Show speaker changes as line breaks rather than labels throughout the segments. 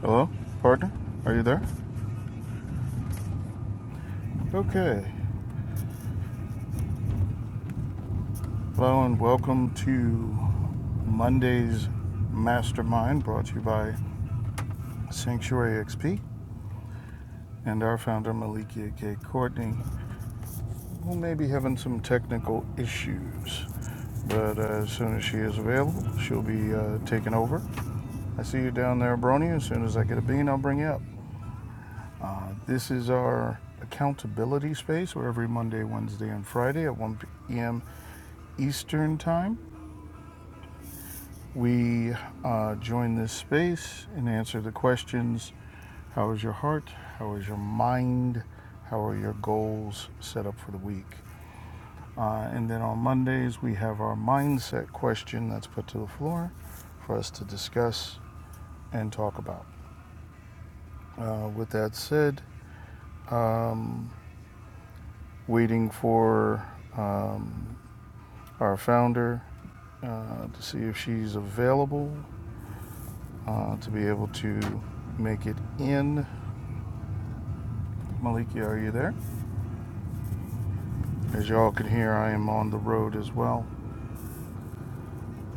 Hello, partner? Are you there? Okay. Hello and welcome to Monday's Mastermind brought to you by Sanctuary XP and our founder Malikia K. Courtney, who may be having some technical issues. But uh, as soon as she is available, she'll be uh, taking over. I see you down there, Brony. As soon as I get a bean, I'll bring you up. Uh, this is our accountability space where every Monday, Wednesday, and Friday at 1 p.m. Eastern Time, we uh, join this space and answer the questions How is your heart? How is your mind? How are your goals set up for the week? Uh, and then on Mondays, we have our mindset question that's put to the floor for us to discuss and talk about. Uh, with that said, um, waiting for um, our founder uh, to see if she's available uh, to be able to make it in. Maliki, are you there? As y'all can hear, I am on the road as well.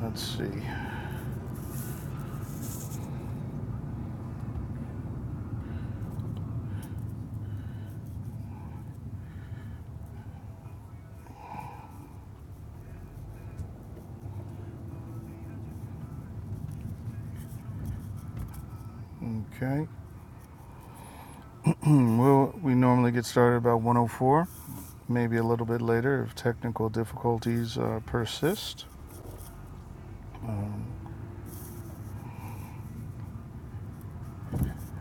Let's see. Okay. well, we normally get started about 104, maybe a little bit later if technical difficulties uh, persist. Um,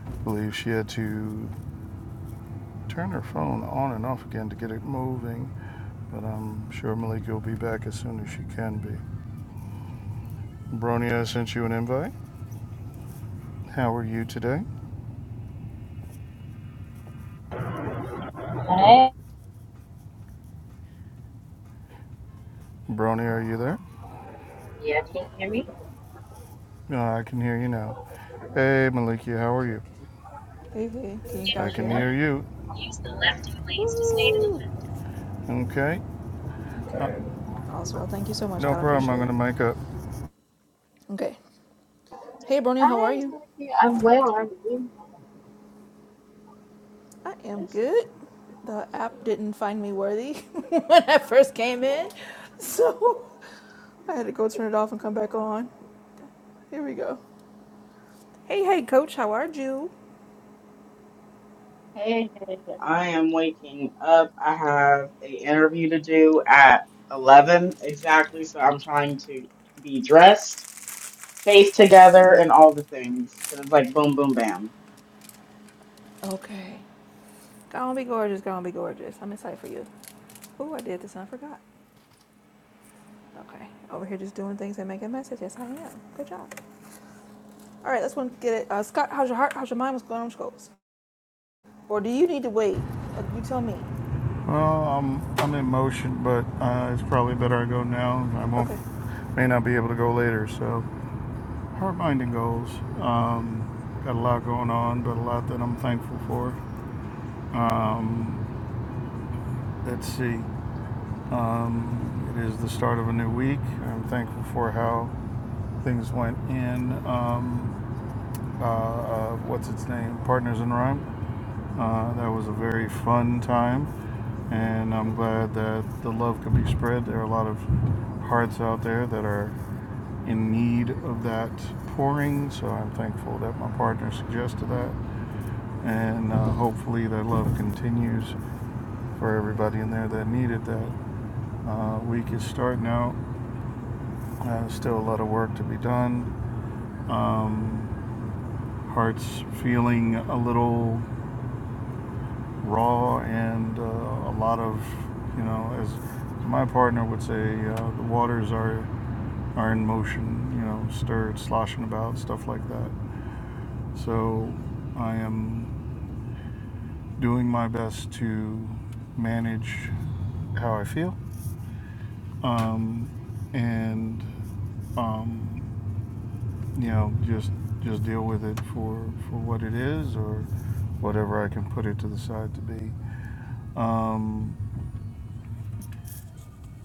I believe she had to Turn her phone on and off again to get it moving, but I'm sure Malika will be back as soon as she can be. Bronya, I sent you an invite. How are you today?
Hi.
Bronya, are you there?
yeah, can you hear me?
No, oh, I can hear you now. Hey, Malika, how are you? I can hear you. Okay. Uh, no problem. I'm gonna make up.
Hi, Nancy, I'm well. I'm good.
Hey, hey, I am waking up. I have a interview to do at 11 exactly, so I'm trying to be dressed, safe together, and all the things. 'Cause it's like boom, boom, bam.
Well, I'm I'm in motion, but uh, it's probably better I go now. I won't may not be able to go later. So, hard minding goals. Um, got a lot going on, but a lot that I'm thankful for. Um, let's see. Um, it is the start of a new week. I'm thankful for how things went in. Um, uh, uh, what's its name? Partners in Rhyme. Uh, that was a very fun time, and I'm glad that the love could be spread. There are a lot of hearts out there that are in need of that pouring, so I'm thankful that my partner suggested that and uh, hopefully their love continues for everybody in there that needed that. Uh, week is starting out. Uh, still a lot of work to be done. Um, heart's feeling a little raw and uh, a lot of, you know, as my partner would say, uh, the waters are are in motion, you know, stirred, sloshing about, stuff like that. So I am doing my best to manage how I feel um, and um, you know just just deal with it for for what it is or whatever I can put it to the side to be. Um,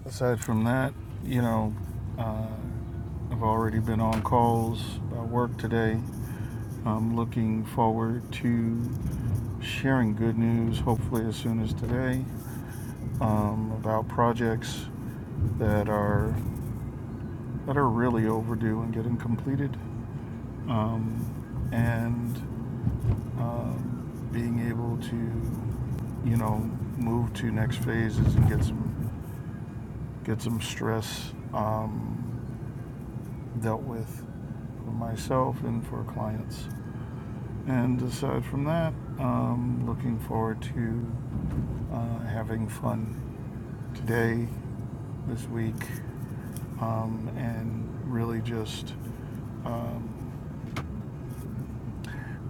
Aside from that, you know, uh, I've already been on calls. I work today. I'm looking forward to sharing good news, hopefully as soon as today, um, about projects that are that are really overdue and getting completed, um, and um, being able to, you know, move to next phases and get some get some stress um, dealt with for myself and for clients. And aside from that, um, looking forward to uh, having fun today, this week, um, and really just um,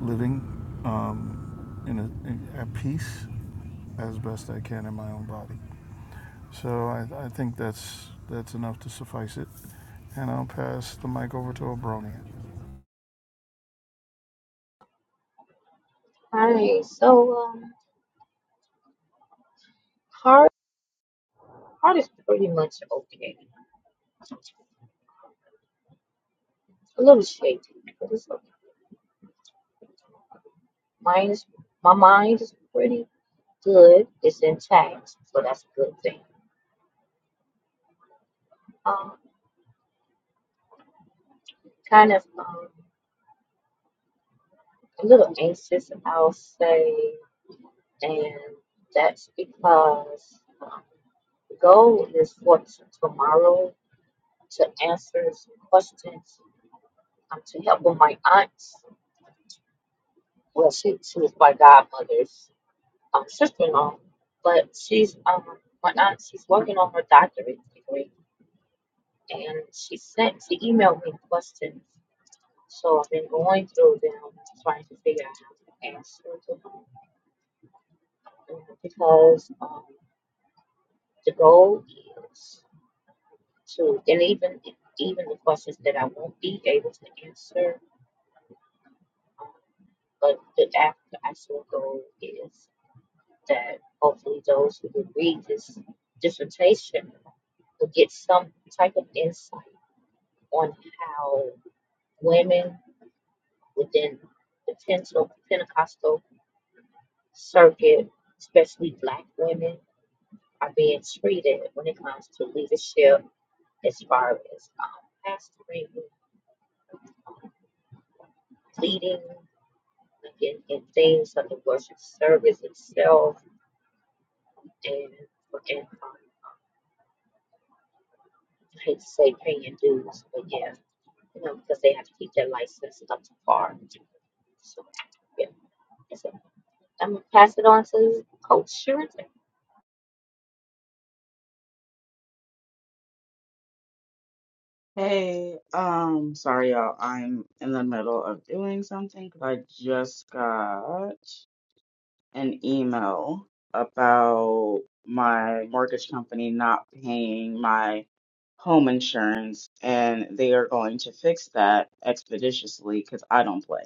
living um, in, a, in at peace as best I can in my own body. So I, I think that's that's enough to suffice it, and I'll pass the mic over to Abronia.
Hi. So, um, heart, heart is pretty much okay. A little shaky, but it's okay. Mine is, my mind is pretty good. It's intact, so that's a good thing. Um, kind of um, a little anxious, I'll say. And that's because um, the goal is for t- tomorrow to answer some questions, um, to help with my aunt's well, she she was my godmother's um, sister-in-law, but she's um my aunt. She's working on her doctorate degree, and she sent she emailed me questions. So I've been going through them, trying to figure out how to answer them um, because um, the goal is. to and even even the questions that I won't be able to answer. Um, but the after actual goal is that hopefully those who will read this dissertation will get some type of insight on how women within the Pente- Pentecostal circuit, especially black women, are being treated when it comes to leadership as far as um, pastoring, leading. in, in things of the worship service itself and and um, I hate to say paying dues, but yeah, you know, because they have to keep their license up to par. So yeah, that's it. I'm gonna pass it on to Coach Shirley.
Hey, um, sorry y'all, I'm in the middle of doing something 'cause I just got an email about my mortgage company not paying my home insurance, and they are going to fix that expeditiously because I don't play.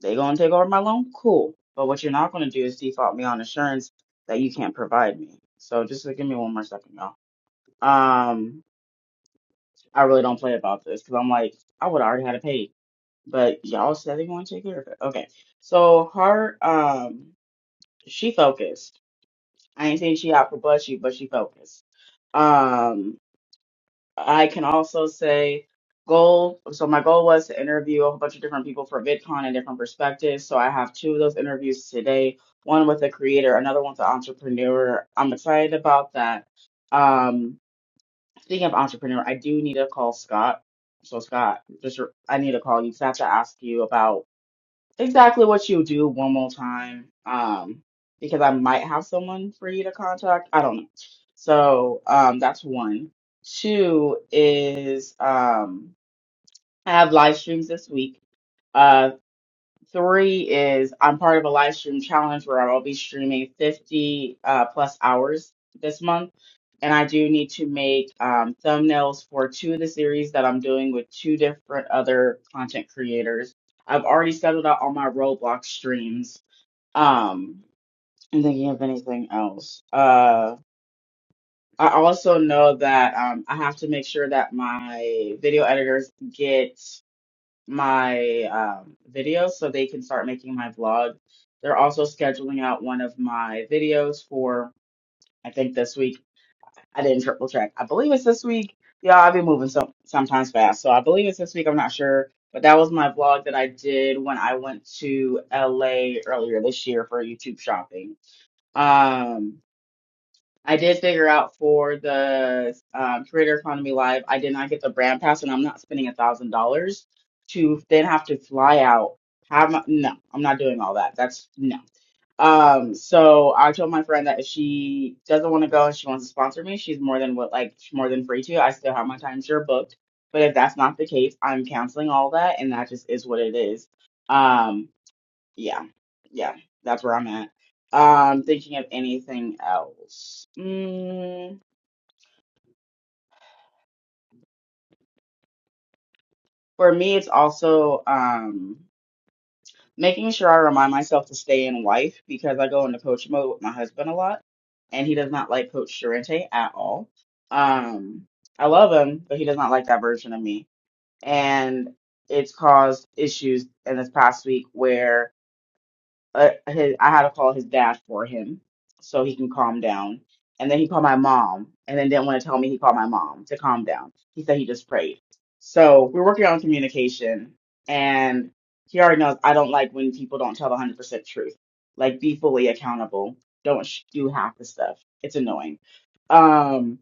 They gonna take over my loan, cool. But what you're not gonna do is default me on insurance that you can't provide me. So just uh, give me one more second, y'all. Um, I really don't play about this because I'm like, I would already had it paid, but y'all said they gonna take care of it. Okay, so her um, she focused I ain't saying she out for bust you, but she focused. Um, I can also say goal. So my goal was to interview a whole bunch of different people for VidCon and different perspectives. So I have two of those interviews today. One with a creator, another one's an entrepreneur. I'm excited about that. Um, speaking of entrepreneur, I do need to call Scott. So Scott, just I need to call you. 'cause I have to ask you about exactly what you do one more time um because i might have someone for you to contact i don't know so um that's one two is um i have live streams this week uh, Three is I'm part of a live stream challenge where I'll be streaming 50 uh, plus hours this month. And I do need to make um, thumbnails for two of the series that I'm doing with two different other content creators. I've already settled out all my Roblox streams. Um, I'm thinking of anything else. Uh, I also know that um, I have to make sure that my video editors get my um, videos so they can start making my vlog. They're also scheduling out one of my videos for, I think this week. I didn't triple check. I believe it's this week. Yeah, I've been moving some sometimes fast. So I believe it's this week. I'm not sure. But that was my vlog that I did when I went to LA earlier this year for YouTube shopping. Um, I did figure out for the um, Creator Economy Live, I did not get the brand pass, and I'm not spending a thousand dollars to then have to fly out. Have my, no, I'm not doing all that. That's no. Um, so I told my friend that if she doesn't want to go and she wants to sponsor me, she's more than what like she's more than free to. I still have my timeshare booked, but if that's not the case, I'm canceling all that, and that just is what it is. Um, yeah, yeah, that's where I'm at. Um, thinking of anything else. Mm, for me, it's also um making sure I remind myself to stay in wife because I go into coach mode with my husband a lot, and he does not like Coach Durante at all. Um, I love him, but he does not like that version of me, and it's caused issues in this past week where. uh, his, I had to call his dad for him so he can calm down. And then he called my mom and then didn't want to tell me he called my mom to calm down. He said he just prayed. So we're working on communication and he already knows I don't like when people don't tell the 100% truth. Like be fully accountable. Don't sh- do half the stuff. It's annoying. Um,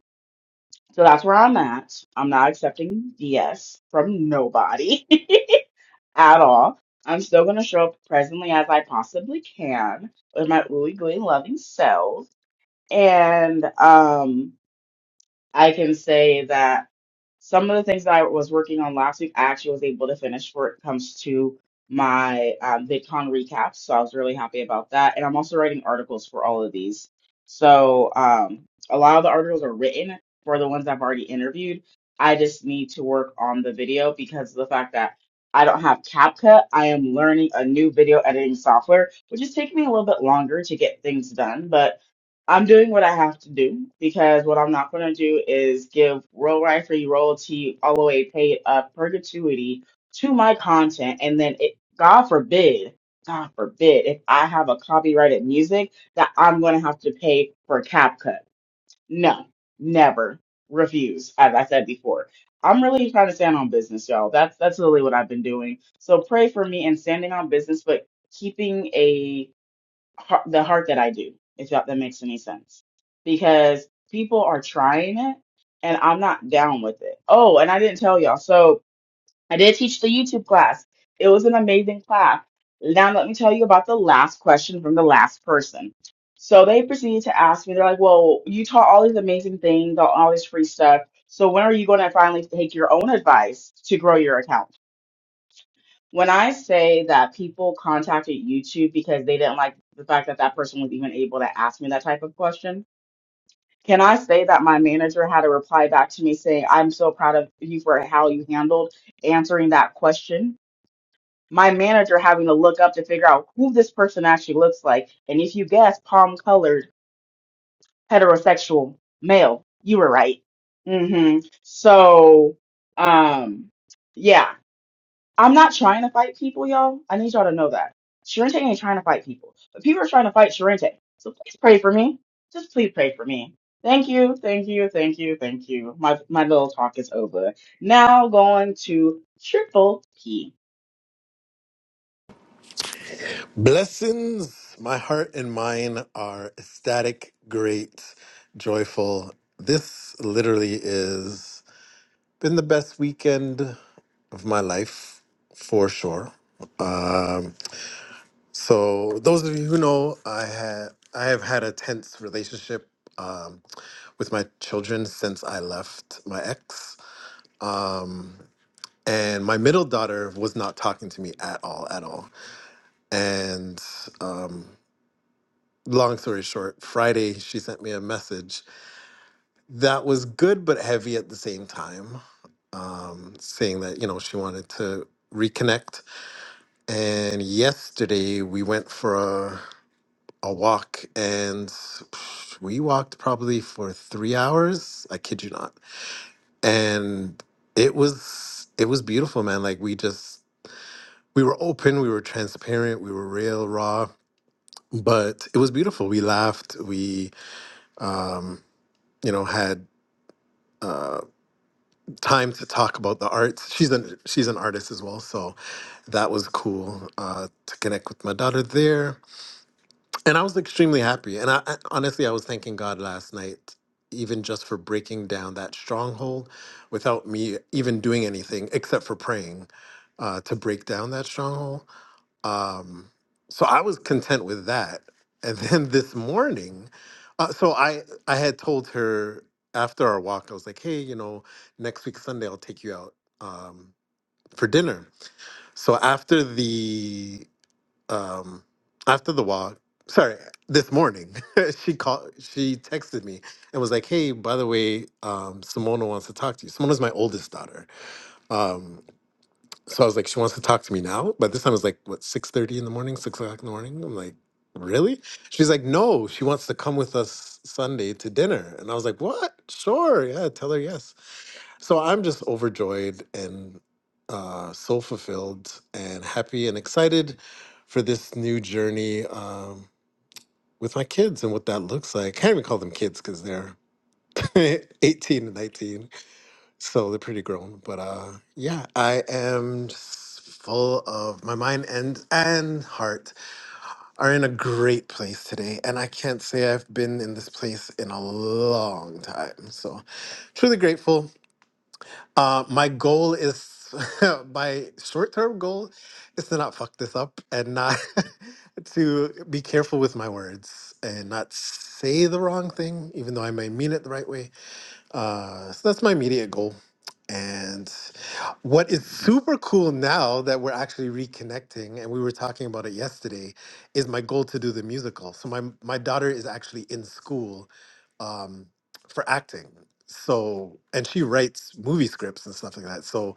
so that's where I'm at. I'm not accepting BS from nobody. at all. I'm still going to show up presently as I possibly can with my ooey gooey loving self. And, um, I can say that some of the things that I was working on last week, I actually was able to finish where it comes to my um, VidCon recaps. So I was really happy about that. And I'm also writing articles for all of these. So um, a lot of the articles are written for the ones I've already interviewed. I just need to work on the video because of the fact that I don't have CapCut. I am learning a new video editing software, which is taking me a little bit longer to get things done. But I'm doing what I have to do because what I'm not going to do is give royal right free royalty all the way paid up perpetuity to my content. And then it, God forbid, God forbid, if I have a copyrighted music that I'm going to have to pay for cap cut. No, never refuse. As I said before, I'm really trying to stand on business, y'all. That's, that's really what I've been doing. So pray for me and standing on business, but keeping a har- the heart that I do, if that, that makes any sense. Because people are trying it and I'm not down with it. Oh, and I didn't tell y'all. So I did teach the YouTube class. It was an amazing class. Now let me tell you about the last question from the last person. So they proceeded to ask me, they're like, Well, you taught all these amazing things, all all this free stuff. So when are you going to finally take your own advice to grow your account? When I say that people contacted YouTube because they didn't like the fact that that person was even able to ask me that type of question, can I say that my manager had a reply back to me saying, I'm so proud of you for how you handled answering that question? My manager having to look up to figure out who this person actually looks like. And if you guess, palm colored, heterosexual, male, you were right. hmm So, um, yeah. I'm not trying to fight people, y'all. I need y'all to know that. Sharente ain't trying to fight people, but people are trying to fight Sharente. So please pray for me. Just please pray for me. Thank you, thank you, thank you, thank you. My my little talk is over. Now going to Triple P.
Blessings, my heart and mine are ecstatic, great, joyful. This literally is been the best weekend of my life for sure. Um, so those of you who know, I had I have had a tense relationship um, with my children since I left my ex. Um, and my middle daughter was not talking to me at all, at all. And um, long story short, Friday she sent me a message that was good but heavy at the same time, um, saying that you know she wanted to reconnect. And yesterday we went for a, a walk and we walked probably for three hours. I kid you not, and it was it was beautiful, man. Like we just we were open, we were transparent, we were real raw, but it was beautiful. We laughed, we um, you know had uh, time to talk about the arts. She's an she's an artist as well, so that was cool uh, to connect with my daughter there. And I was extremely happy. And I, I honestly, I was thanking God last night, even just for breaking down that stronghold, without me even doing anything except for praying uh, to break down that stronghold. Um, so I was content with that. And then this morning, uh, so I I had told her after our walk, I was like, hey, you know, next week Sunday I'll take you out um, for dinner. So after the um, after the walk, sorry, this morning she called, she texted me and was like, hey, by the way, um, Simona wants to talk to you. Simona's my oldest daughter. Um, so I was like, she wants to talk to me now. But this time it was like what six thirty in the morning, six o'clock in the morning. I'm like, really? She's like, no, she wants to come with us Sunday to dinner. And I was like, what? Sure, yeah, tell her yes. So I'm just overjoyed and uh, so fulfilled and happy and excited for this new journey um, with my kids and what that looks like. I can't even call them kids because they're 18 and 19 so they're pretty grown, but uh, yeah, I am s- full of my mind and and heart are in a great place today, and I can't say I've been in this place in a long time. So truly grateful. Uh, my goal is my short term goal is to not fuck this up and not to be careful with my words and not say the wrong thing, even though I may mean it the right way uh, so that's my immediate goal. And what is super cool now that we're actually reconnecting, and we were talking about it yesterday, is my goal to do the musical. So my my daughter is actually in school um, for acting. So and she writes movie scripts and stuff like that. So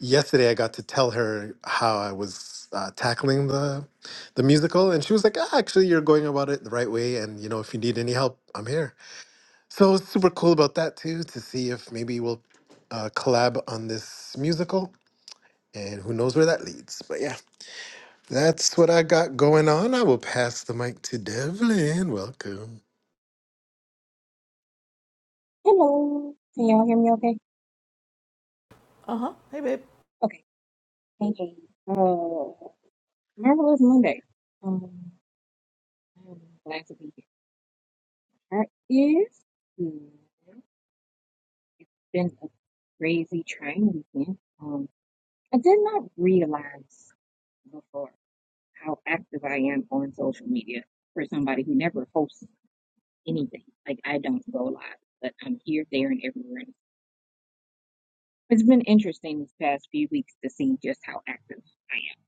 yesterday I got to tell her how I was uh, tackling the the musical, and she was like, ah, "Actually, you're going about it the right way, and you know, if you need any help, I'm here." So it's super cool about that too to see if maybe we'll uh, collab on this musical and who knows where that leads. But yeah, that's what I got going on. I will pass the mic to Devlin. Welcome.
Hello. Can y'all hear me okay? Okay. Hey, hey. Uh, marvelous Monday. Um, I'm glad to be here. That is good. It's been a crazy, trying weekend. Um, I did not realize before how active I am on social media for somebody who never posts anything. Like, I don't go live, but I'm here, there, and everywhere. It's been interesting these past few weeks to see just how active I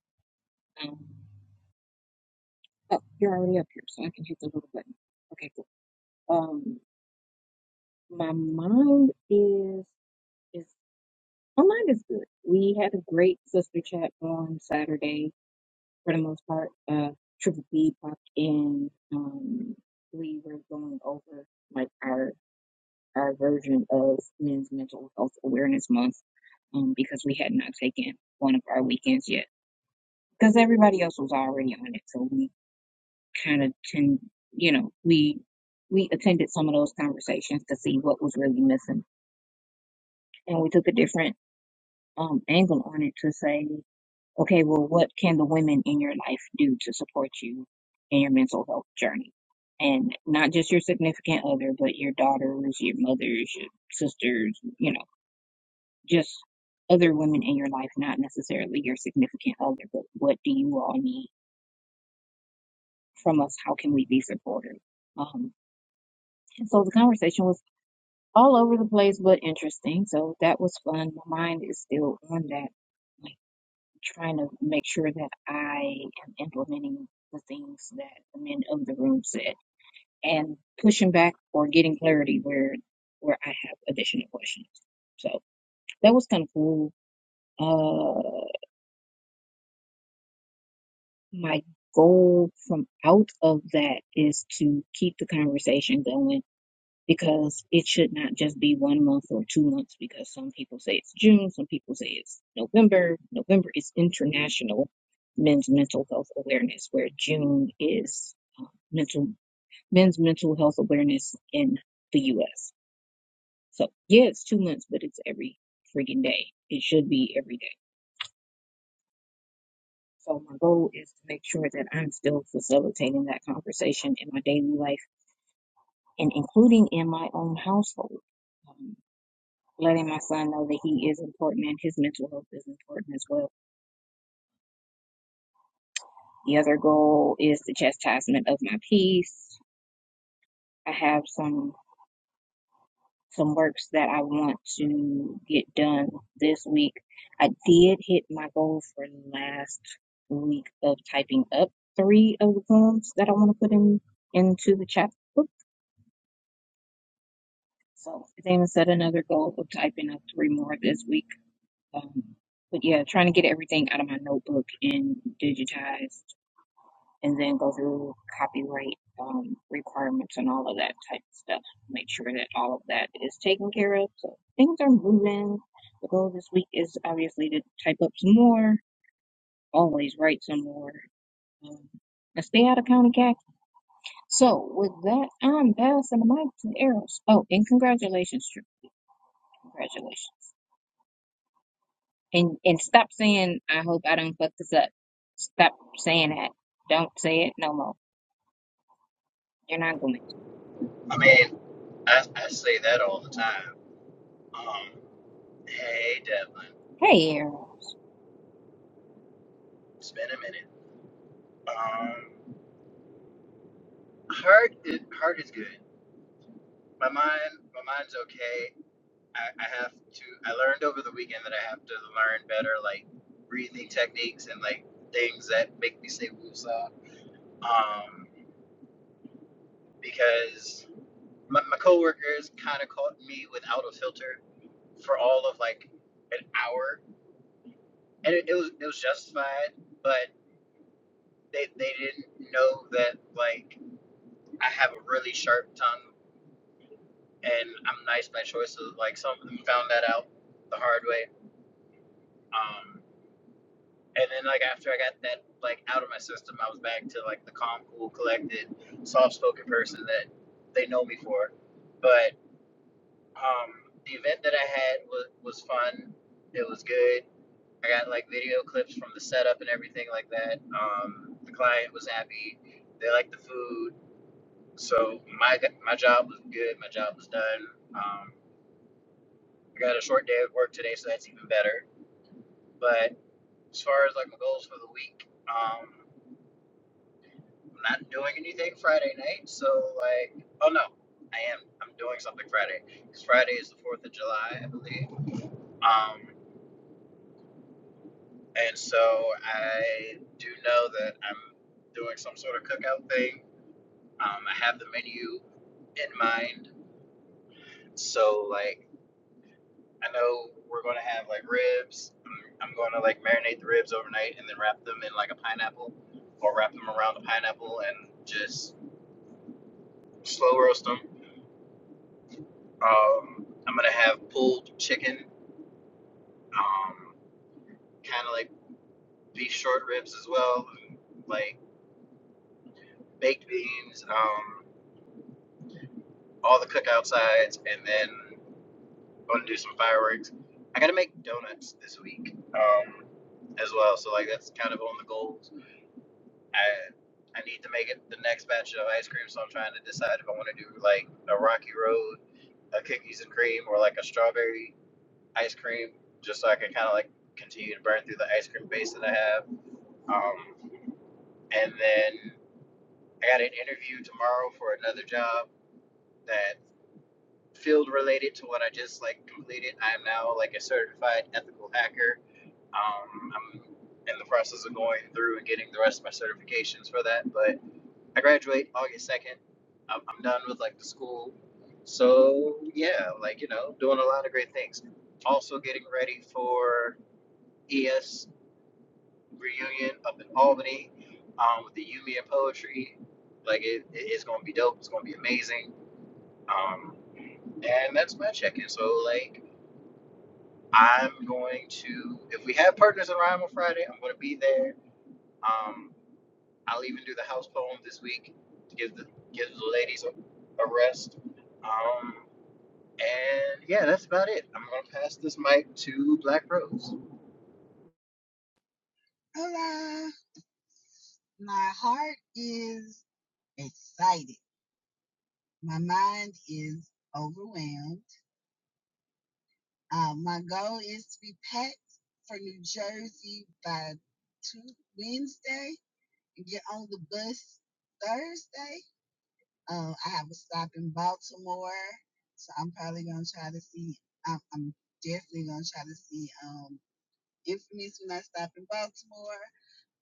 am. Um, Oh, you're already up here, so I can hit the little button. Okay, cool. Um, my mind is is my mind is good. We had a great sister chat on Saturday for the most part. Uh, Triple B popped in. Um, we were going over like our our version of Men's Mental Health Awareness Month. Um, because we had not taken one of our weekends yet, because everybody else was already on it, so we kind of can you know we we attended some of those conversations to see what was really missing and we took a different um, angle on it to say okay well what can the women in your life do to support you in your mental health journey and not just your significant other but your daughters your mothers your sisters you know just other women in your life not necessarily your significant other but what do you all need from us how can we be supportive um, and so the conversation was all over the place, but interesting. So that was fun. My mind is still on that, like trying to make sure that I am implementing the things that the men of the room said and pushing back or getting clarity where where I have additional questions. So that was kind of cool. Uh, my goal from out of that is to keep the conversation going because it should not just be one month or two months because some people say it's June, some people say it's November. November is International Men's Mental Health Awareness, where June is uh, mental men's mental health awareness in the U.S. So yeah, it's two months, but it's every freaking day. It should be every day. So my goal is to make sure that I'm still facilitating that conversation in my daily life and including in my own household. Um, letting my son know that he is important and his mental health is important as well. The other goal is the chastisement of my peace. I have some some works that I want to get done this week. I did hit my goal for last week of typing up three of the poems that I want to put in into the chapbook. So I think set another goal of typing up three more this week. Um, but yeah, trying to get everything out of my notebook and digitized and then go through copyright um, requirements and all of that type of stuff. Make sure that all of that is taken care of. So things are moving. The goal this week is obviously to type up some more, always write some more, um, and stay out of county tax. So with that, I'm passing the mic to Eros. Oh, and congratulations, Drew. Congratulations. And and stop saying I hope I don't fuck this up. Stop saying that. Don't say it no more. You're not going.
I mean, I, I say that all the time. Um, hey Devlin,
to. Hey, Eros.
it's been a minute. Um, heart is heart is good. My mind, my mind's okay. I, I have to. I learned over the weekend that I have to learn better, like breathing techniques and like things that make me say woosah. Um, because my, my coworkers kind of caught me without a filter for all of like an hour, and it, it was it was justified, but. they they didn't know that like I have a really sharp tongue and I'm nice by choice. So like some of them found that out the hard way. Um, and then like after I got that like out of my system, I was back to like the calm, cool, collected, soft spoken person that they know me for. But um, the event that I had was was fun. It was good. I got like video clips from the setup and everything like that. Um, the client was happy. They liked the food So my my job was good. My job was done. Um, I got a short day of work today, so that's even better. But as far as like my goals for the week, um, I'm not doing anything Friday night. So like, oh no, I am. I'm doing something Friday because Friday is the Fourth of July, I believe. Um, and so I do know that I'm doing some sort of cookout thing. Um, I have the menu in mind. So like. I know we're going to have like ribs. I'm, going to like marinate the ribs overnight and then wrap them in like a pineapple or wrap them around the pineapple and just slow roast them. Um, I'm going to have pulled chicken, um, kind of like beef short ribs as well, like baked beans, um, all the cookout sides, and then going to do some fireworks. I got to make donuts this week um, as well. So, like, that's kind of on the goals I I need to make it the next batch of ice cream, so I'm trying to decide if I want to do like a Rocky Road, a cookies and cream, or like a strawberry ice cream, just so I can kind of like continue to burn through the ice cream base that I have. Um, and then I got an interview tomorrow for another job that field related to what I just like completed. I am now like a certified ethical hacker. Um, I'm in the process of going through and getting the rest of my certifications for that, but I graduate August second. I'm, I'm done with like the school. So yeah, like you know, doing a lot of great things. Also getting ready for ES reunion up in Albany um, with the Yumi and poetry. Like it, it- it's gonna be dope. It's gonna be amazing. Um, and that's my check-in. So like, I'm going to if we have partners in Rhyme on Friday, I'm gonna be there. Um, I'll even do the house poem this week to give the give the ladies a, a rest. Um, and yeah, that's about it. I'm gonna pass this mic to Black Rose.
Hola! My heart is excited. My mind is overwhelmed. Uh, my goal is to be packed for New Jersey by two, Wednesday and get on the bus Thursday. Uh, I have a stop in Baltimore, so I'm probably going to try to see, I'm, I'm definitely going to try to see um, Infamous when I stop in Baltimore.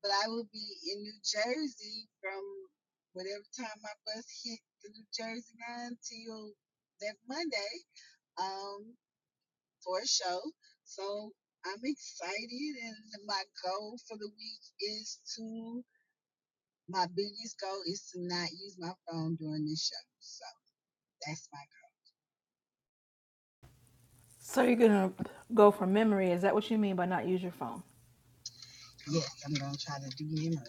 But I will be in New Jersey from whatever time my bus hit the New Jersey line till that Monday um, for a show. So I'm excited, and my goal for the week is to my biggest goal is to not use my phone during this show. So that's my goal. Yes, I'm gonna try to do memory.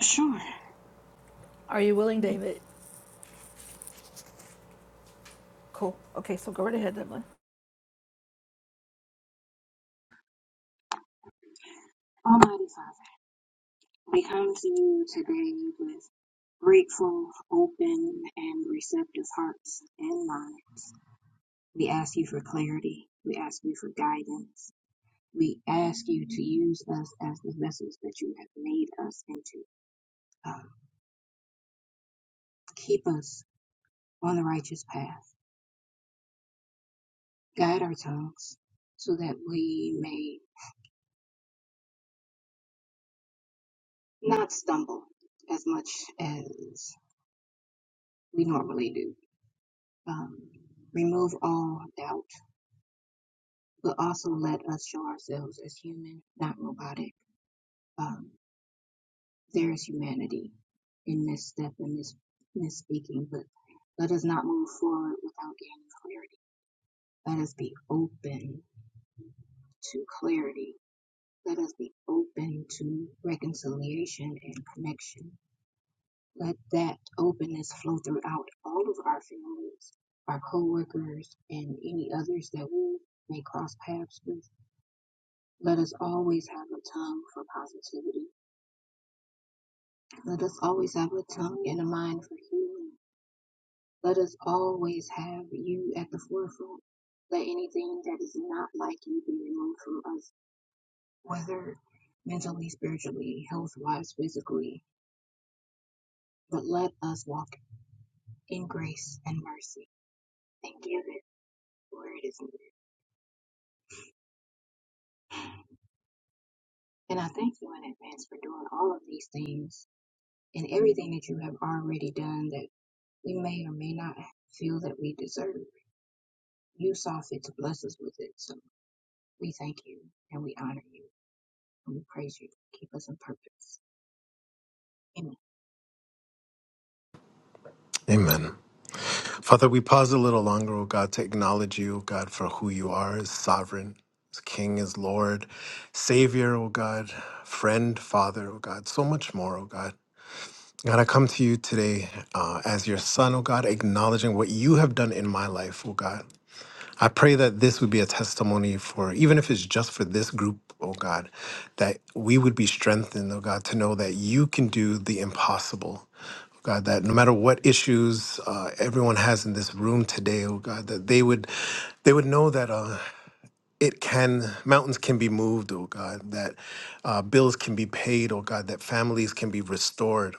Sure. Almighty Father, we come to you today with grateful, open, and receptive hearts and minds. We ask you for clarity. We ask you for guidance. We ask you to use us as the vessels that you have made us into. Um, keep us on the righteous path. Guide our tongues so that we may not stumble as much as we normally do. Um, remove all doubt but also let us show ourselves as human, not robotic. Um, there is humanity in misstep and mis- misspeaking, but let us not move forward without gaining clarity. Let us be open to clarity. Let us be open to reconciliation and connection. Let that openness flow throughout all of our families, our coworkers, and any others that we may cross paths with. Let us always have a tongue for positivity Let us always have a tongue and a mind for healing. Let us always have you at the forefront. Let anything that is not like you be removed from us, whether mentally, spiritually, health wise, physically. But let us walk in grace and mercy and give it where it is needed. And I thank you in advance for doing all of these things and everything that you have already done that we may or may not feel that we deserve. You saw fit to bless us with it. So We thank you and we honor you and we praise you. Keep us on purpose. Amen.
Amen. Father, we pause a little longer, O God, to acknowledge you, O God, for who you are as sovereign, as King, as Lord, Savior, O God, friend, Father, O God, so much more, O God. God, I come to you today uh, as your son, O God, acknowledging what you have done in my life, O God. I pray that this would be a testimony for, even if it's just for this group, oh God, that we would be strengthened, oh God, to know that you can do the impossible. oh God, that no matter what issues uh, everyone has in this room today, oh God, that they would, they would know that uh, it can, mountains can be moved, oh God, that uh, bills can be paid, oh God, that families can be restored,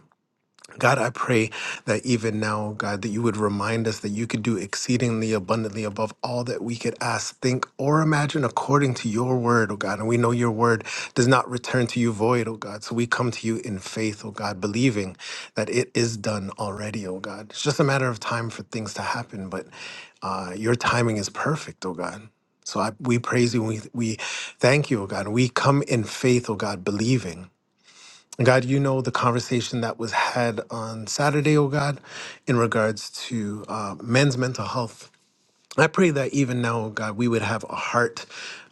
God, I pray that even now, God, that you would remind us that you could do exceedingly abundantly above all that we could ask, think, or imagine according to your word, oh God. And we know your word does not return to you void, oh God. So we come to you in faith, oh God, believing that it is done already, oh God. It's just a matter of time for things to happen, but uh, your timing is perfect, oh God. So I, we praise you. We, we thank you, oh God. We come in faith, oh God, believing. God, you know the conversation that was had on Saturday, oh God, in regards to uh, men's mental health. I pray that even now, oh God, we would have a heart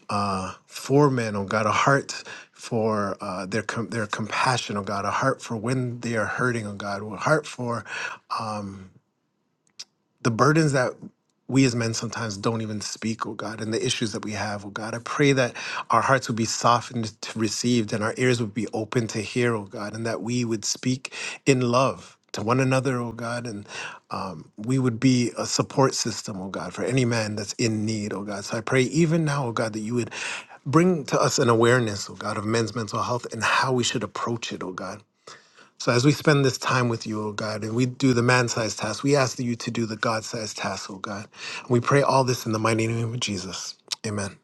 uh, for men, oh God, a heart for uh, their com- their compassion, oh God, a heart for when they are hurting, oh God, a heart for um, the burdens that we as men sometimes don't even speak, oh God, and the issues that we have, oh God. I pray that our hearts would be softened to receive and our ears would be open to hear, oh God, and that we would speak in love to one another, oh God, and um, we would be a support system, oh God, for any man that's in need, oh God. So I pray even now, oh God, that you would bring to us an awareness, oh God, of men's mental health and how we should approach it, oh God. So as we spend this time with you, O God, and we do the man-sized task, we ask that you to do the God-sized task, O God. And we pray all this in the mighty name of Jesus. Amen.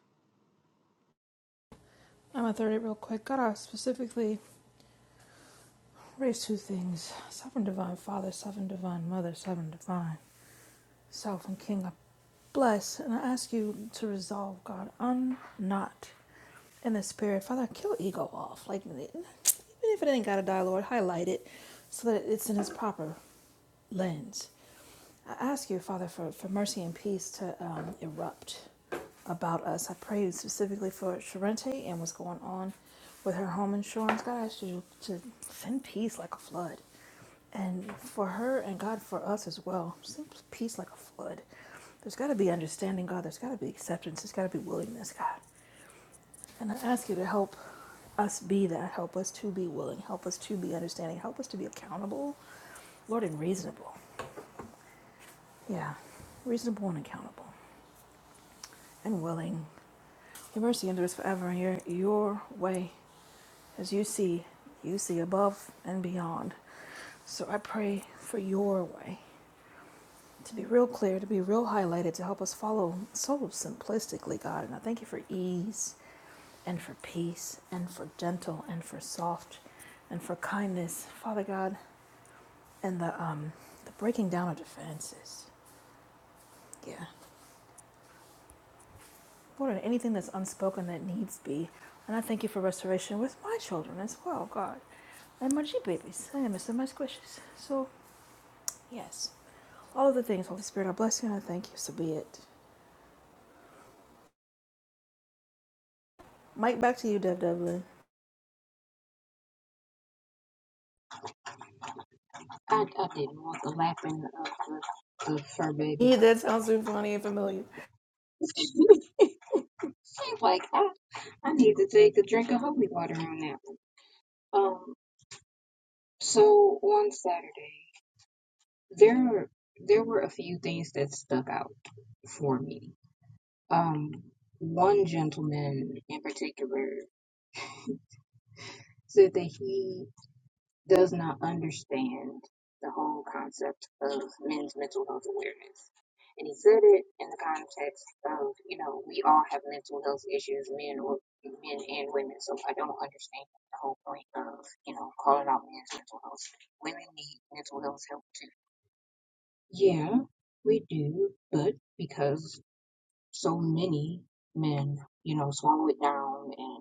I, I didn't want the laughing of the, of fur baby. She's like, I, I need to take a drink of holy water on that one. Um, so on Saturday, there there were a few things that stuck out for me. Um, one gentleman in particular said that he does not understand the whole concept of men's mental health awareness. And he said it in the context of, you know, we all have mental health issues, men or men and women. So I don't understand the whole point of, you know, calling out men's mental health. Women need mental health help too. Yeah, we do, but because so many men, you know, swallow it down and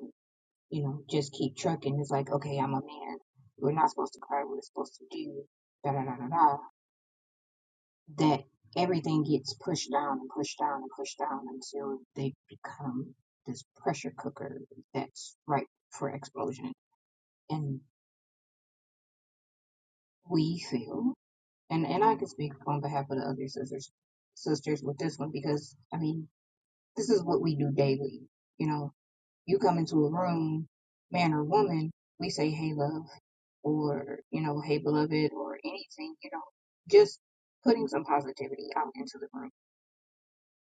you know, just keep trucking. It's like, okay, I'm a man. We're not supposed to cry. We're supposed to do da da da da da. That everything gets pushed down and pushed down and pushed down until they become this pressure cooker that's ripe for explosion. And we feel, and and I can speak on behalf of the other sisters sisters with this one because I mean, this is what we do daily. You know, You come into a room, man or woman, we say, hey, love, or, you know, hey, beloved, or anything, you know, just putting some positivity out into the room.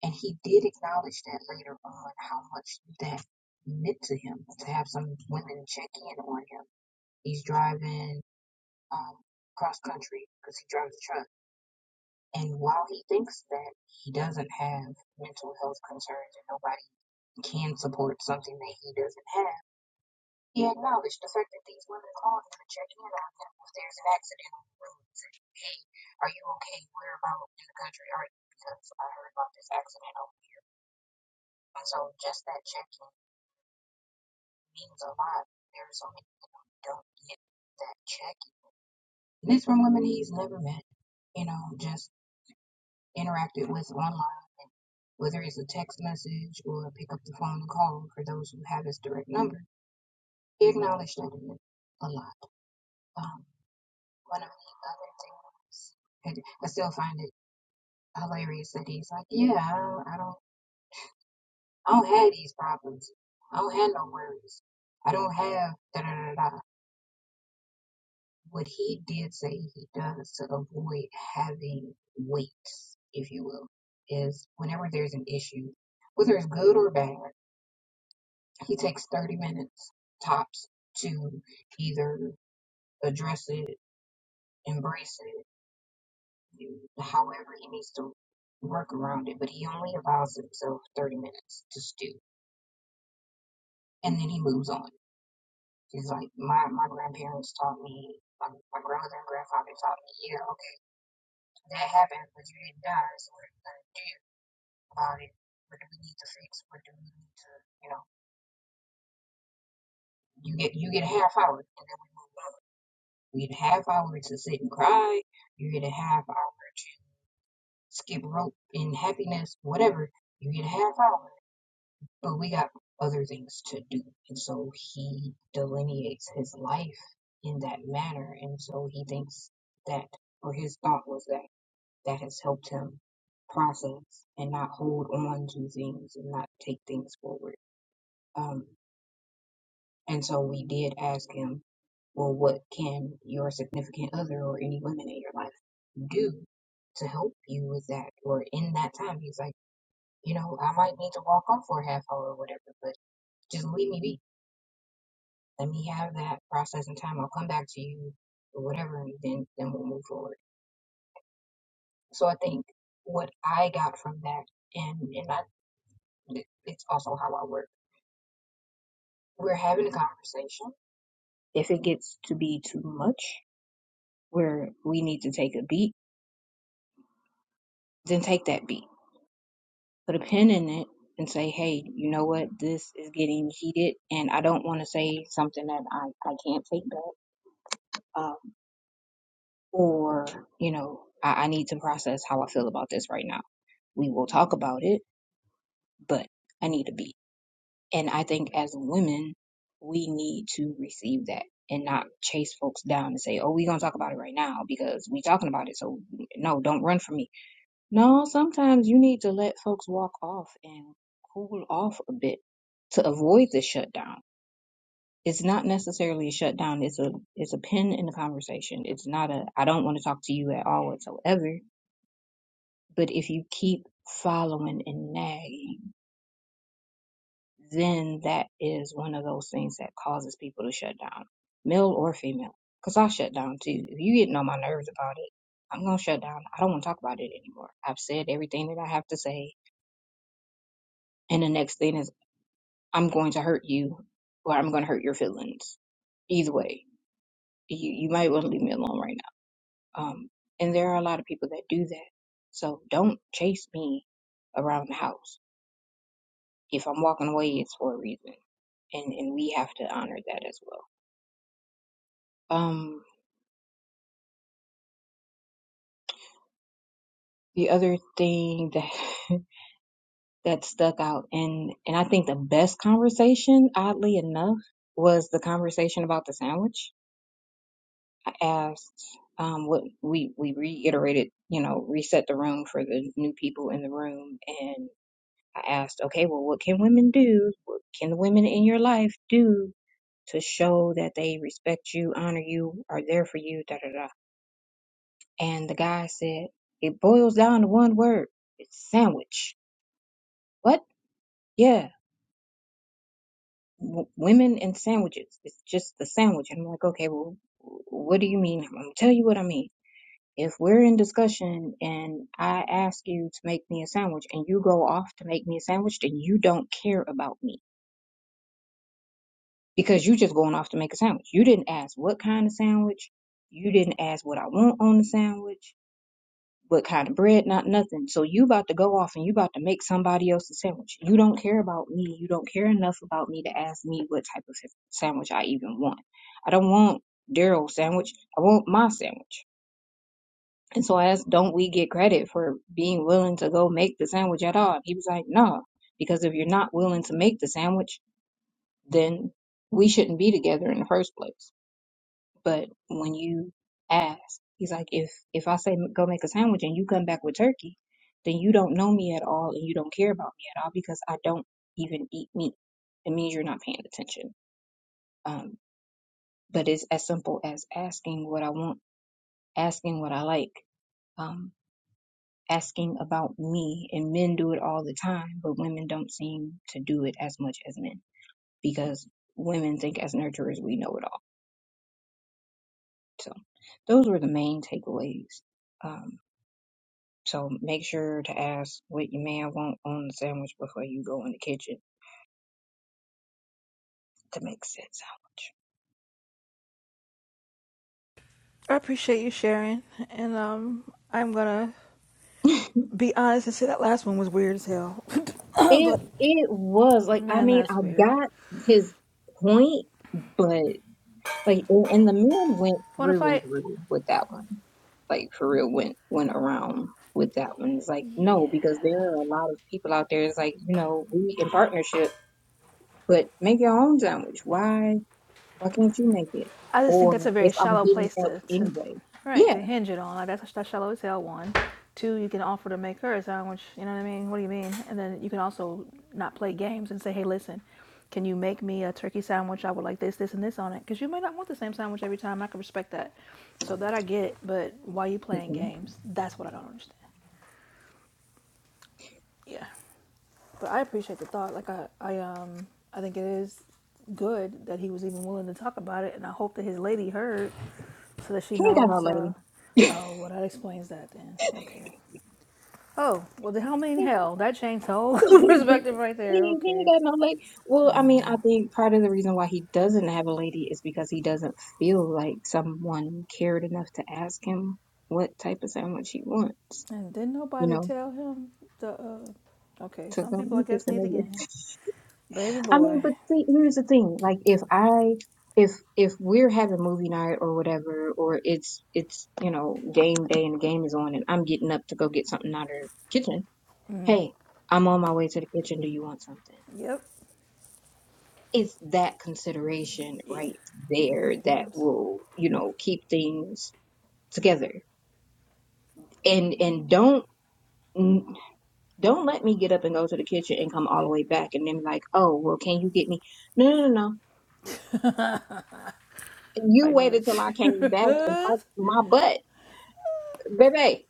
And he did acknowledge that later on, how much that meant to him to have some women check in on him. He's driving um, cross country because he drives a truck. And while he thinks that he doesn't have mental health concerns and nobody can support something that he doesn't have, He acknowledged the fact that these women call him and check in on him if there's an accident on the road and say, hey, are you okay? Where about in the country are you? Because I heard about this accident. over here." And so just that check-in means a lot. There are so many who don't get that check-in. And it's from women he's never met, you know, just interacted with online. And whether it's a text message or pick up the phone and call for those who have his direct number, he acknowledged that a lot. Um, one of the other things. And I still find it hilarious that he's like, yeah, I don't, I don't, I don't have these problems. I don't have no worries. I don't have da da da da. What he did say he does to avoid having weights, if you will, is whenever there's an issue, whether it's good or bad, he takes 30 minutes tops to either address it, embrace it, However, he needs to work around it, but he only allows himself 30 minutes to stew and then he moves on. He's like, my, my grandparents taught me, my, my grandmother and grandfather taught me, yeah, okay, that happened, but you didn't die, so what are you going to do about it? What do we need to fix? What do we need to, you know, you get you get a half hour, and then we you get a half hour to sit and cry, you get a half hour to skip rope in happiness, whatever, you get a half hour but we got other things to do. And so he delineates his life in that manner. And so he thinks that, or his thought was that, that has helped him process and not hold on to things and not take things forward. Um, and so we did ask him, well, what can your significant other or any women in your life do to help you with that? Or in that time, he's like, you know, I might need to walk off for a half hour or whatever, but just leave me be Let me have that process and time. I'll come back to you or whatever, and then then we'll move forward. So I think what I got from that, and and I, it's also how I work. We're having a conversation. If it gets to be too much, where we need to take a beat, then take that beat, put a pin in it, and say, hey, you know what? This is getting heated, and I don't want to say something that I I can't take back. Um, or you know I, I need to process how i feel about this right now we will talk about it, but I need to be. And I think as women, we need to receive that and not chase folks down and say, oh, we're going to talk about it right now because we talking about it. So, no, don't run from me. No, sometimes you need to let folks walk off and cool off a bit to avoid the shutdown. It's not necessarily a shutdown. It's a it's a pin in the conversation. It's not a I don't want to talk to you at all whatsoever. But if you keep following and nagging then that is one of those things that causes people to shut down, male or female. Because I shut down too. If you getting on my nerves about it, I'm going to shut down. I don't want to talk about it anymore. I've said everything that I have to say. And the next thing is, I'm going to hurt you or I'm going to hurt your feelings. Either way, you, you might want to leave me alone right now. Um, and there are a lot of people that do that. So don't chase me around the house. If I'm walking away, it's for a reason. And, and we have to honor that as well. Um, The other thing that that stuck out and and I think the best conversation, oddly enough, was the conversation about the sandwich. I asked um what we we reiterated, you know, reset the room for the new people in the room and I asked, okay, well what can women do? What can the women in your life do to show that they respect you, honor you, are there for you, da da da. And the guy said, it boils down to one word. It's sandwich. What? Yeah. w- women and sandwiches. It's just the sandwich. And I'm like, okay, well, what do you mean? I'm gonna tell you what I mean. If we're in discussion and I ask you to make me a sandwich and you go off to make me a sandwich, then you don't care about me because you just going off to make a sandwich. You didn't ask what kind of sandwich. You didn't ask what I want on the sandwich. what kind of bread, not nothing. So you about to go off and you about to make somebody else a sandwich. You don't care about me. You don't care enough about me to ask me what type of sandwich I even want. I don't want Daryl's sandwich. I want my sandwich. And so I asked, don't we get credit for being willing to go make the sandwich at all? And He was like, no, because if you're not willing to make the sandwich, then we shouldn't be together in the first place. But when you ask, he's like, if if I say go make a sandwich and you come back with turkey, then you don't know me at all and you don't care about me at all because I don't even eat meat. It means you're not paying attention. Um, but it's as simple as asking what I want, asking what I like, um, asking about me. And men do it all the time, but women don't seem to do it as much as men because women think as nurturers we know it all. So those were the main takeaways. Um, So make sure to ask what your man want on the sandwich before you go in the kitchen to make said sandwich. It it was like I mean I got his point, but like and, and the man went through and through with that one. Like for real went went around with that one. It's like no, because there are a lot of people out there. It's like you know we in partnership, but make your own sandwich. Why why can't you make it? Or if I'm getting up anyway, yeah. Mm-hmm. He ain't got no lady. He, he, he ain't got no lady. Well, I mean, I think part of the reason why he doesn't have a lady is because he doesn't feel like someone cared enough to ask him what type of sandwich he wants, you know, to go with this and everything. I mean, but see, here's the thing. Like, if I, if, if we're having movie night or whatever, or it's, it's, you know, game day and the game is on and I'm getting up to go get something out of the kitchen, hey, I'm on my way to the kitchen. Do you want something? it's that consideration right there that will you know keep things together and and don't don't let me get up and go to the kitchen and come all the way back and then be like oh well can you get me no no no no you waited till i came back and piped my butt baby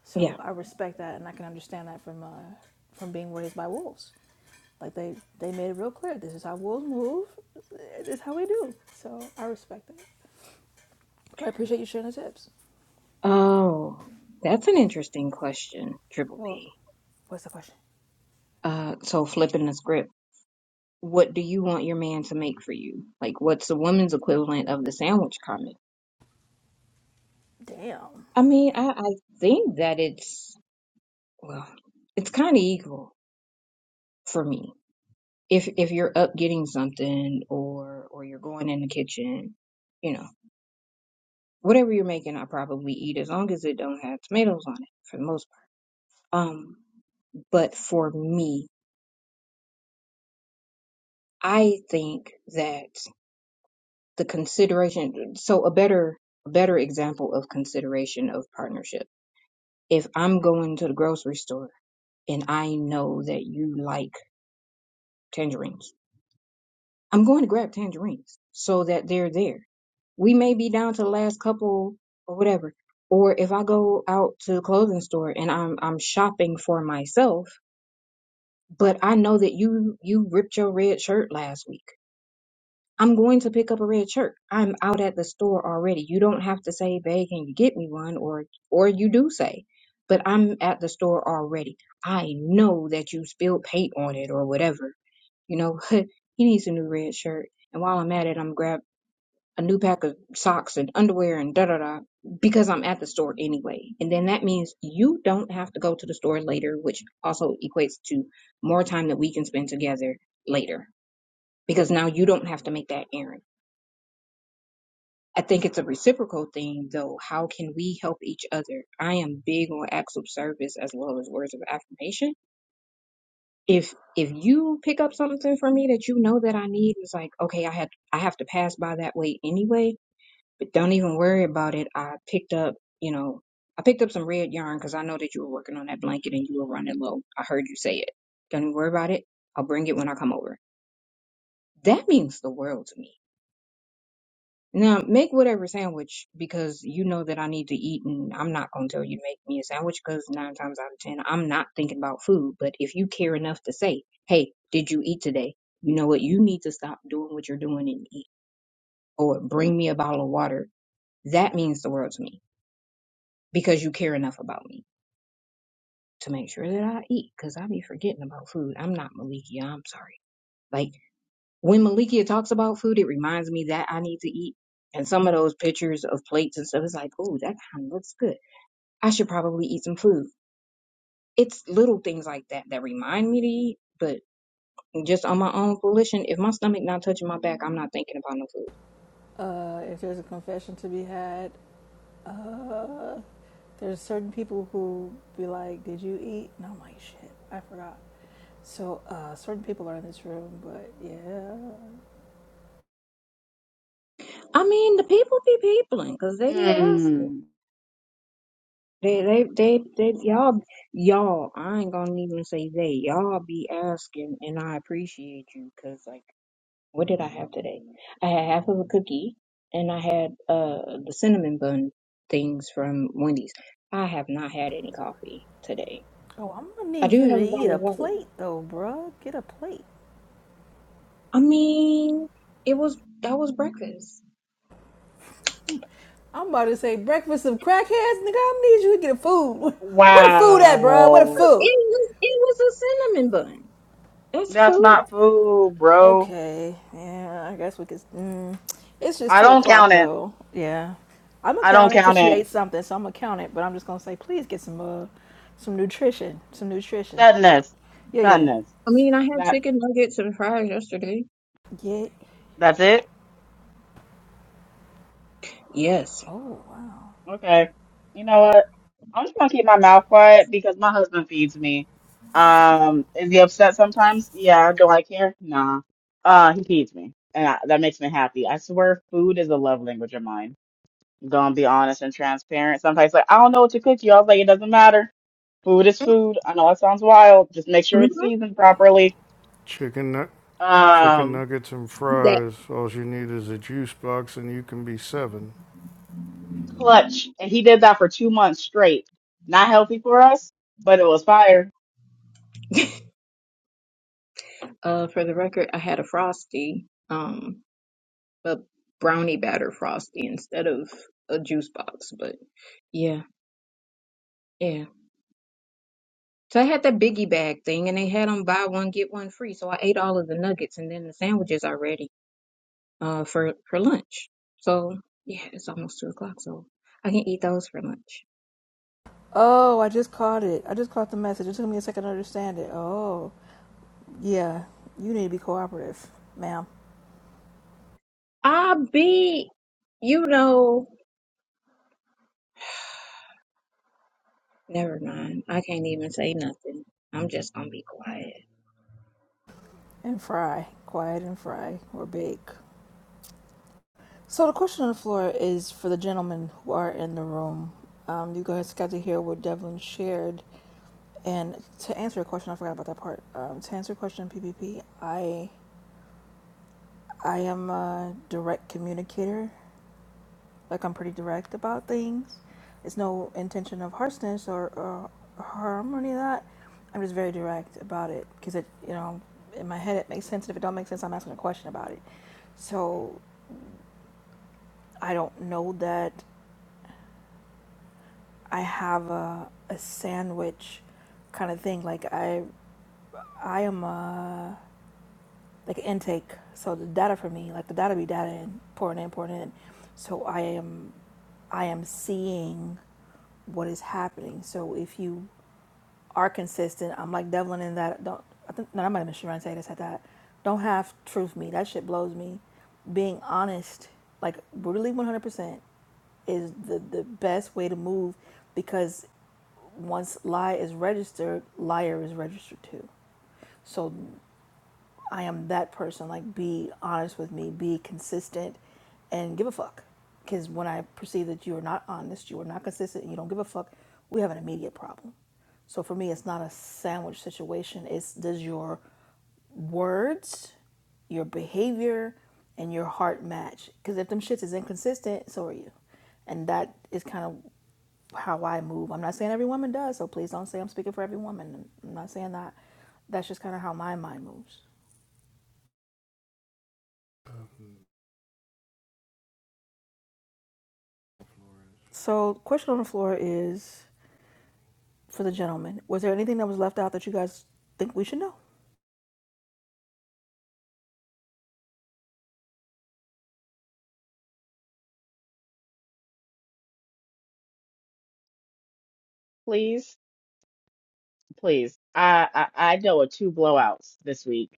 yeah oh that's an interesting question triple p uh so flipping the script what do you want your man to make for you like what's the woman's equivalent of the sandwich comment I mean, I, I think that it's well, it's kind of equal for me. If if you're up getting something or or you're going in the kitchen, you know, whatever you're making, I probably eat as long as it don't have tomatoes on it for the most part. Um, but for me, I think that the consideration, so a better a better example of consideration of partnership. If I'm going to the grocery store and I know that you like tangerines I'm going to grab tangerines so that they're there. We may be down to the last couple or whatever. Or if I go out to the clothing store and I'm I'm shopping for myself, but I know that you you ripped your red shirt last week. I'm going to pick up a red shirt. I'm out at the store already. You don't have to say, "Babe, can you get me one?" or or you do say, "But I'm at the store already. I know that you spilled paint on it or whatever." You know, he needs a new red shirt. And while I'm at it, I'm grab a new pack of socks and underwear and da da da because I'm at the store anyway. And then that means you don't have to go to the store later, which also equates to more time that we can spend together later because now you don't have to make that errand. I think it's a reciprocal thing though. How can we help each other? I am big on acts of service as well as words of affirmation. If if you pick up something for me that you know that I need, it's like, okay, I had I have to pass by that way anyway But don't even worry about it. I picked up, you know, I picked up some red yarn because I know that you were working on that blanket and you were running low. I heard you say it. Don't even worry about it. I'll bring it when I come over. That means the world to me. Now, make whatever sandwich because you know that I need to eat and I'm not going to tell you to make me a sandwich because nine times out of ten, I'm not thinking about food. But if you care enough to say, hey, did you eat today? You know what? You need to stop doing what you're doing and eat. Or bring me a bottle of water. That means the world to me because you care enough about me to make sure that I eat because I be forgetting about food. I'm not Malikia. I'm sorry. Like when Malikia talks about food, it reminds me that I need to eat. And some of those pictures of plates and stuff, it's like, oh, that kind of looks good. I should probably eat some food. It's little things like that that remind me to eat, but just on my own volition, if my stomach not touching my back, I'm not thinking about no food. I mean, the people be peopling because they be asking.
Mm,
They, they, they, they, y'all, y'all, I ain't gonna even say they, y'all be asking, and I appreciate you, cause like, what did I have today? I had half of a cookie, and I had, uh, the cinnamon bun things from Wendy's. I have not had any coffee today. I do have a bottle of water. I mean, it was, that was breakfast.
wow,
Oh, It was, it was a cinnamon bun. That's
that's
food.
not food, bro. I don't count it. I don't count it. Sadness, sadness.
I mean, I had
That
chicken nuggets and fries yesterday.
that's it.
Yes.
Okay. You know what? I'm just gonna keep my mouth quiet because my husband feeds me. Um, is he upset sometimes? Yeah. Do I care? Nah. Uh, he feeds me, and I, that makes me happy. I swear, food is a love language of mine. Gonna be honest and transparent. Sometimes, like, I don't know what to cook you. I was like, it doesn't matter. Food is food. I know that sounds wild. Just make sure it's
Mhm.
seasoned properly.
Chicken nu- chicken
Um,
nuggets and fries. All you need is a juice box and you can be seven.
clutch, and he did that for two months straight. Not healthy for us, but it was fire.
Uh, for the record, I had a frosty, um, a brownie batter frosty instead of a juice box. But yeah, yeah. So I had that biggie bag thing, and they had them buy one get one free. So I ate all of the nuggets and then the sandwiches already uh, for for lunch. So yeah, it's almost two o'clock, so I can eat those for lunch. I be, you know, never mind. I can't even say nothing. I'm just gonna be quiet.
Please. please. I, I I know of two blowouts this week,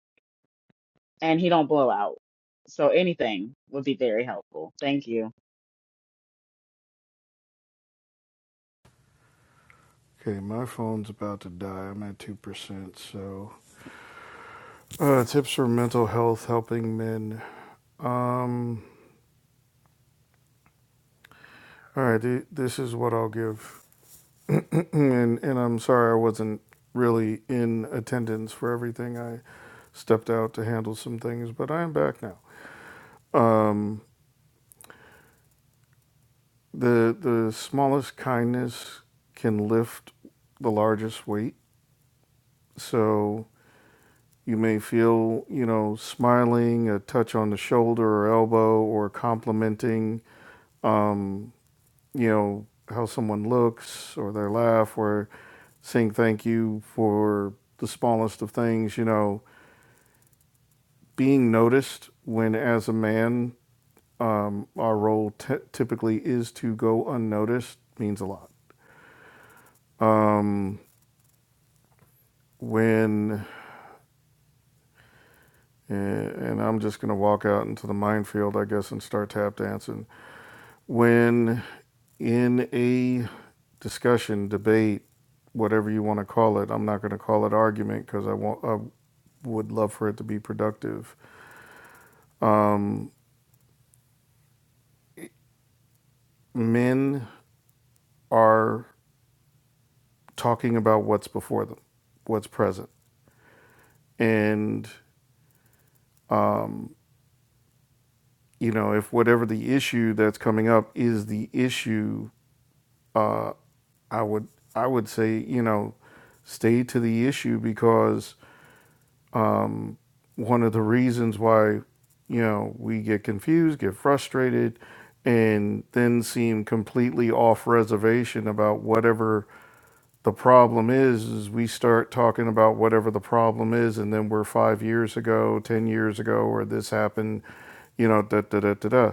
and he don't blow out, so anything would be very helpful. Thank you.
Okay, my phone's about to die. I'm at two percent, so uh, tips for mental health helping men. Um all right, th- this is what I'll give. And and I'm sorry I wasn't really in attendance for everything. I stepped out to handle some things, but I am back now. Um, the the smallest kindness can lift the largest weight. So you may feel, you know, smiling, a touch on the shoulder or elbow, or complimenting, um, you know, how someone looks or their laugh, or saying thank you for the smallest of things, you know being noticed when, as a man, um, our role t- typically is to go unnoticed means a lot. Um, when, eh, and, I'm just going to walk out into the minefield, I guess, and start tap dancing. When in a discussion, debate, whatever you want to call it, I'm not going to call it argument because I, want, I would love for it to be productive. Um, men are talking about what's before them, what's present and um, you know if whatever the issue that's coming up is the issue uh, i would i would say you know stay to the issue because um, one of the reasons why you know we get confused get frustrated and then seem completely off reservation about whatever The problem is, is we start talking about whatever the problem is, and then we're five years ago, ten years ago, or this happened, you know, da da da da da.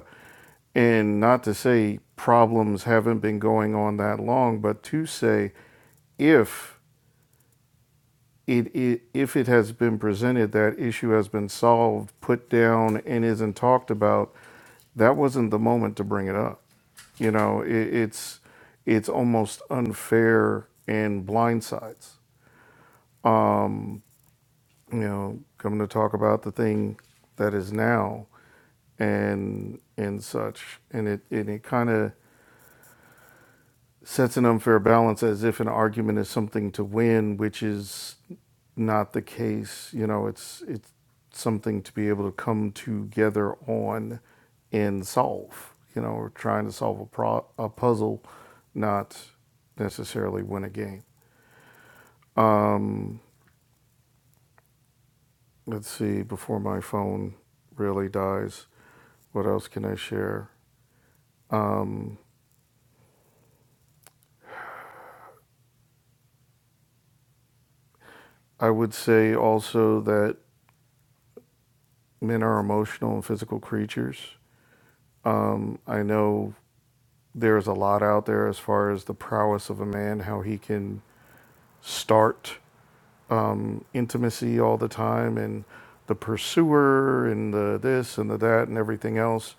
And not to say problems haven't been going on that long, but to say if it, it if it has been presented that issue has been solved, put down, and isn't talked about, that wasn't the moment to bring it up. You know, it, it's it's almost unfair and blindsides um, you know, coming to talk about the thing that is now and and such. And it and it kind of sets an unfair balance as if an argument is something to win, which is not the case. You know, it's it's something to be able to come together on and solve. You know, we're trying to solve a pro- a puzzle, not necessarily win a game. Um, let's see before my phone really dies. What else can I share? Um, I would say also that men are emotional and physical creatures. Um, I know there's a lot out there as far as the prowess of a man, how he can start um, intimacy all the time and the pursuer and the this and the that and everything else.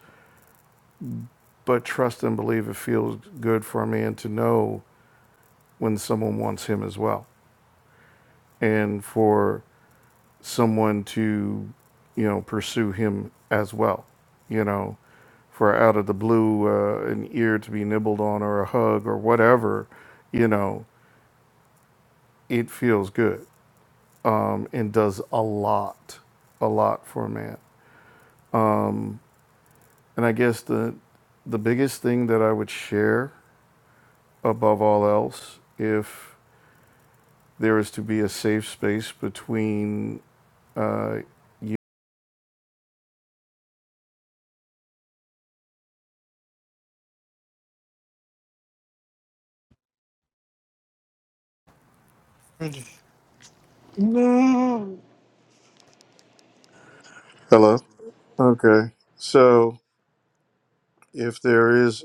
But trust and believe it feels good for a man to know when someone wants him as well. And for someone to, you know, pursue him as well, you know, for out of the blue, uh, an ear to be nibbled on or a hug or whatever, you know, it feels good um, and does a lot, a lot for a man. Um, and I guess the the biggest thing that I would share above all else, if there is to be a safe space between uh,
Hello. Okay. So, if there is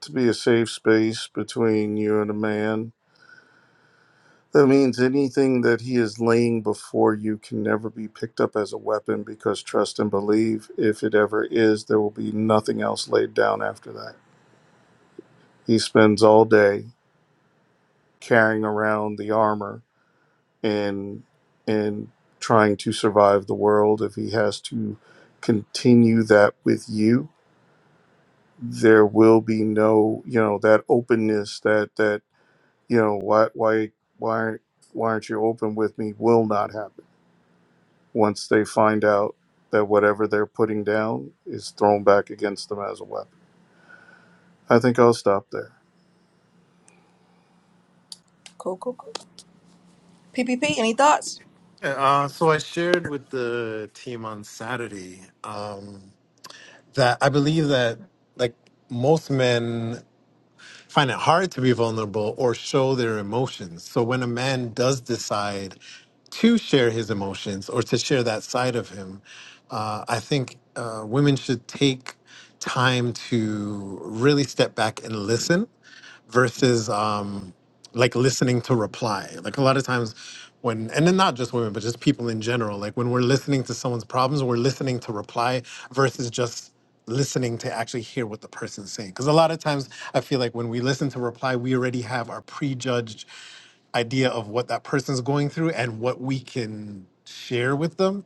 to be a safe space between you and a man, that means anything that he is laying before you can never be picked up as a weapon because trust and believe, if it ever is, there will be nothing else laid down after that. He spends all day carrying around the armor and and trying to survive the world if he has to continue that with you there will be no you know that openness that that you know why why why aren't- why aren't you open with me will not happen once they find out that whatever they're putting down is thrown back against them as a weapon i think i'll stop there
Yeah, Uh, so I shared with the team on Saturday um, that I believe that like most men find it hard to be vulnerable or show their emotions. So when a man does decide to share his emotions or to share that side of him. Uh, I think uh, women should take time to really step back and listen versus um, like listening to reply. Like a lot of times when, and then not just women, but just people in general, like when we're listening to someone's problems, we're listening to reply versus just listening to actually hear what the person's saying. Because a lot of times I feel like when we listen to reply, we already have our prejudged idea of what that person's going through and what we can share with them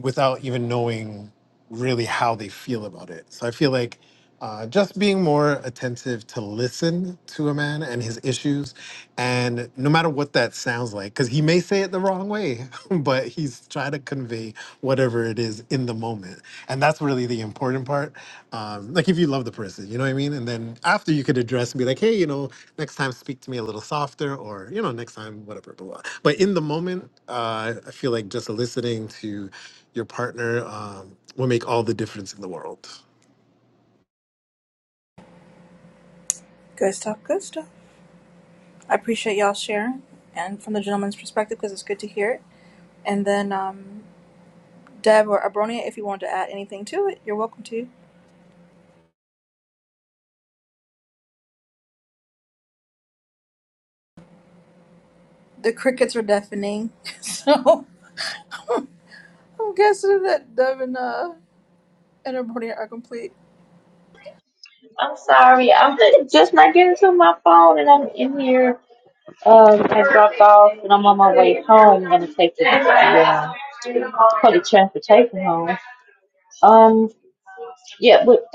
without even knowing really how they feel about it. So I feel like uh, just being more attentive to listen to a man and his issues, and no matter what that sounds like, because he may say it the wrong way, but he's trying to convey whatever it is in the moment. And that's really the important part. Um, like if you love the person, you know what I mean? And then after you could address and be like, hey, you know, next time speak to me a little softer, or, you know, next time, whatever, blah, blah. But in the moment, uh, I feel like just listening to your partner um, will make all the difference in the world.
I'm sorry, I'm just not getting to my phone, and I'm in here. Um, I dropped off, and I'm on my way home. I'm gonna take the uh, public transportation home. Um, yeah, but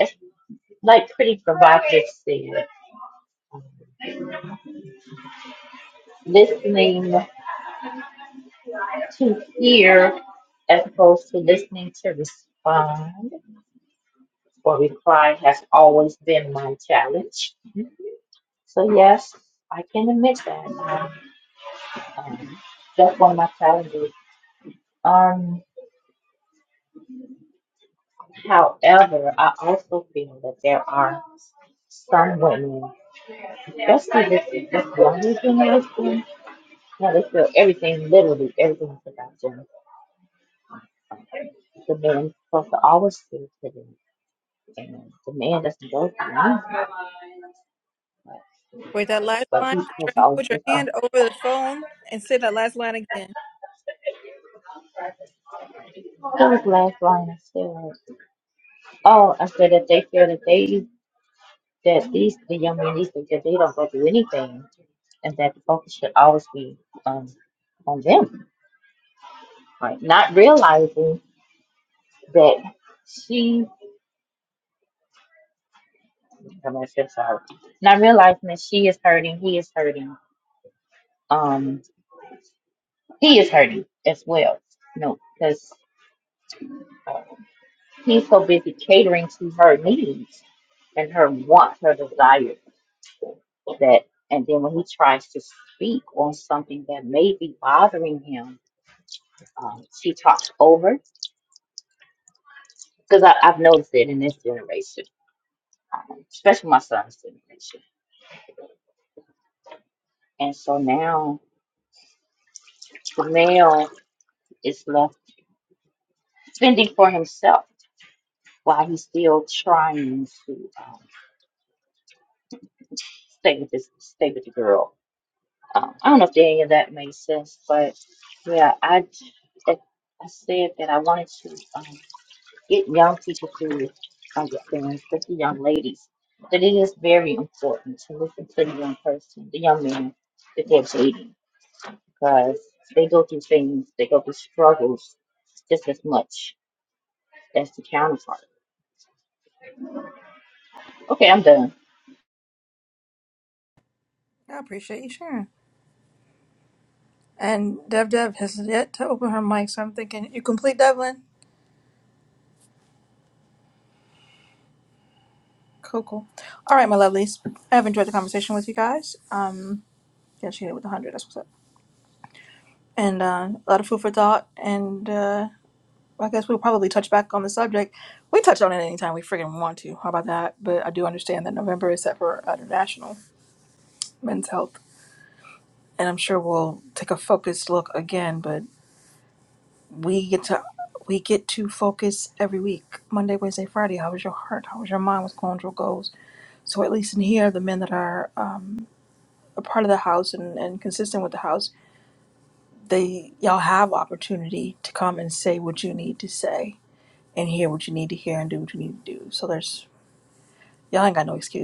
like pretty provocative said, listening to hear as opposed to listening to respond or reply has always been my challenge. So yes, I can admit that. Um, um, that's one of my challenges. Um, however, I also feel that there are some women, especially this, this younger generation, now they feel everything, literally everything is about them. The men supposed to always feel to them. And the man doesn't go for me. But he's supposed to always listen. Who was the last line of steroids? Oh, I said that they feel that they that these the young men these days, that they don't go through anything and that the focus should always be um on them. Right. Not realizing that she I'm gonna say sorry. Not realizing that she is hurting, he is hurting, um he is hurting as well. No, because. He's so busy catering to her needs and her wants, her desires. That and then when he tries to speak on something that may be bothering him, um, she talks over because I've noticed it in this generation, um, especially my son's generation. And so now the male is left spending for himself while he's still trying to um, stay with this, stay with the girl Um, I don't know if any of that made sense, but yeah, I I I said that I wanted to um, get young people to understand, especially young ladies, that it is very important to listen to the young person, the young man that they're dating, because they go through things, they go through struggles just as much as the counterpart. Okay, I'm done.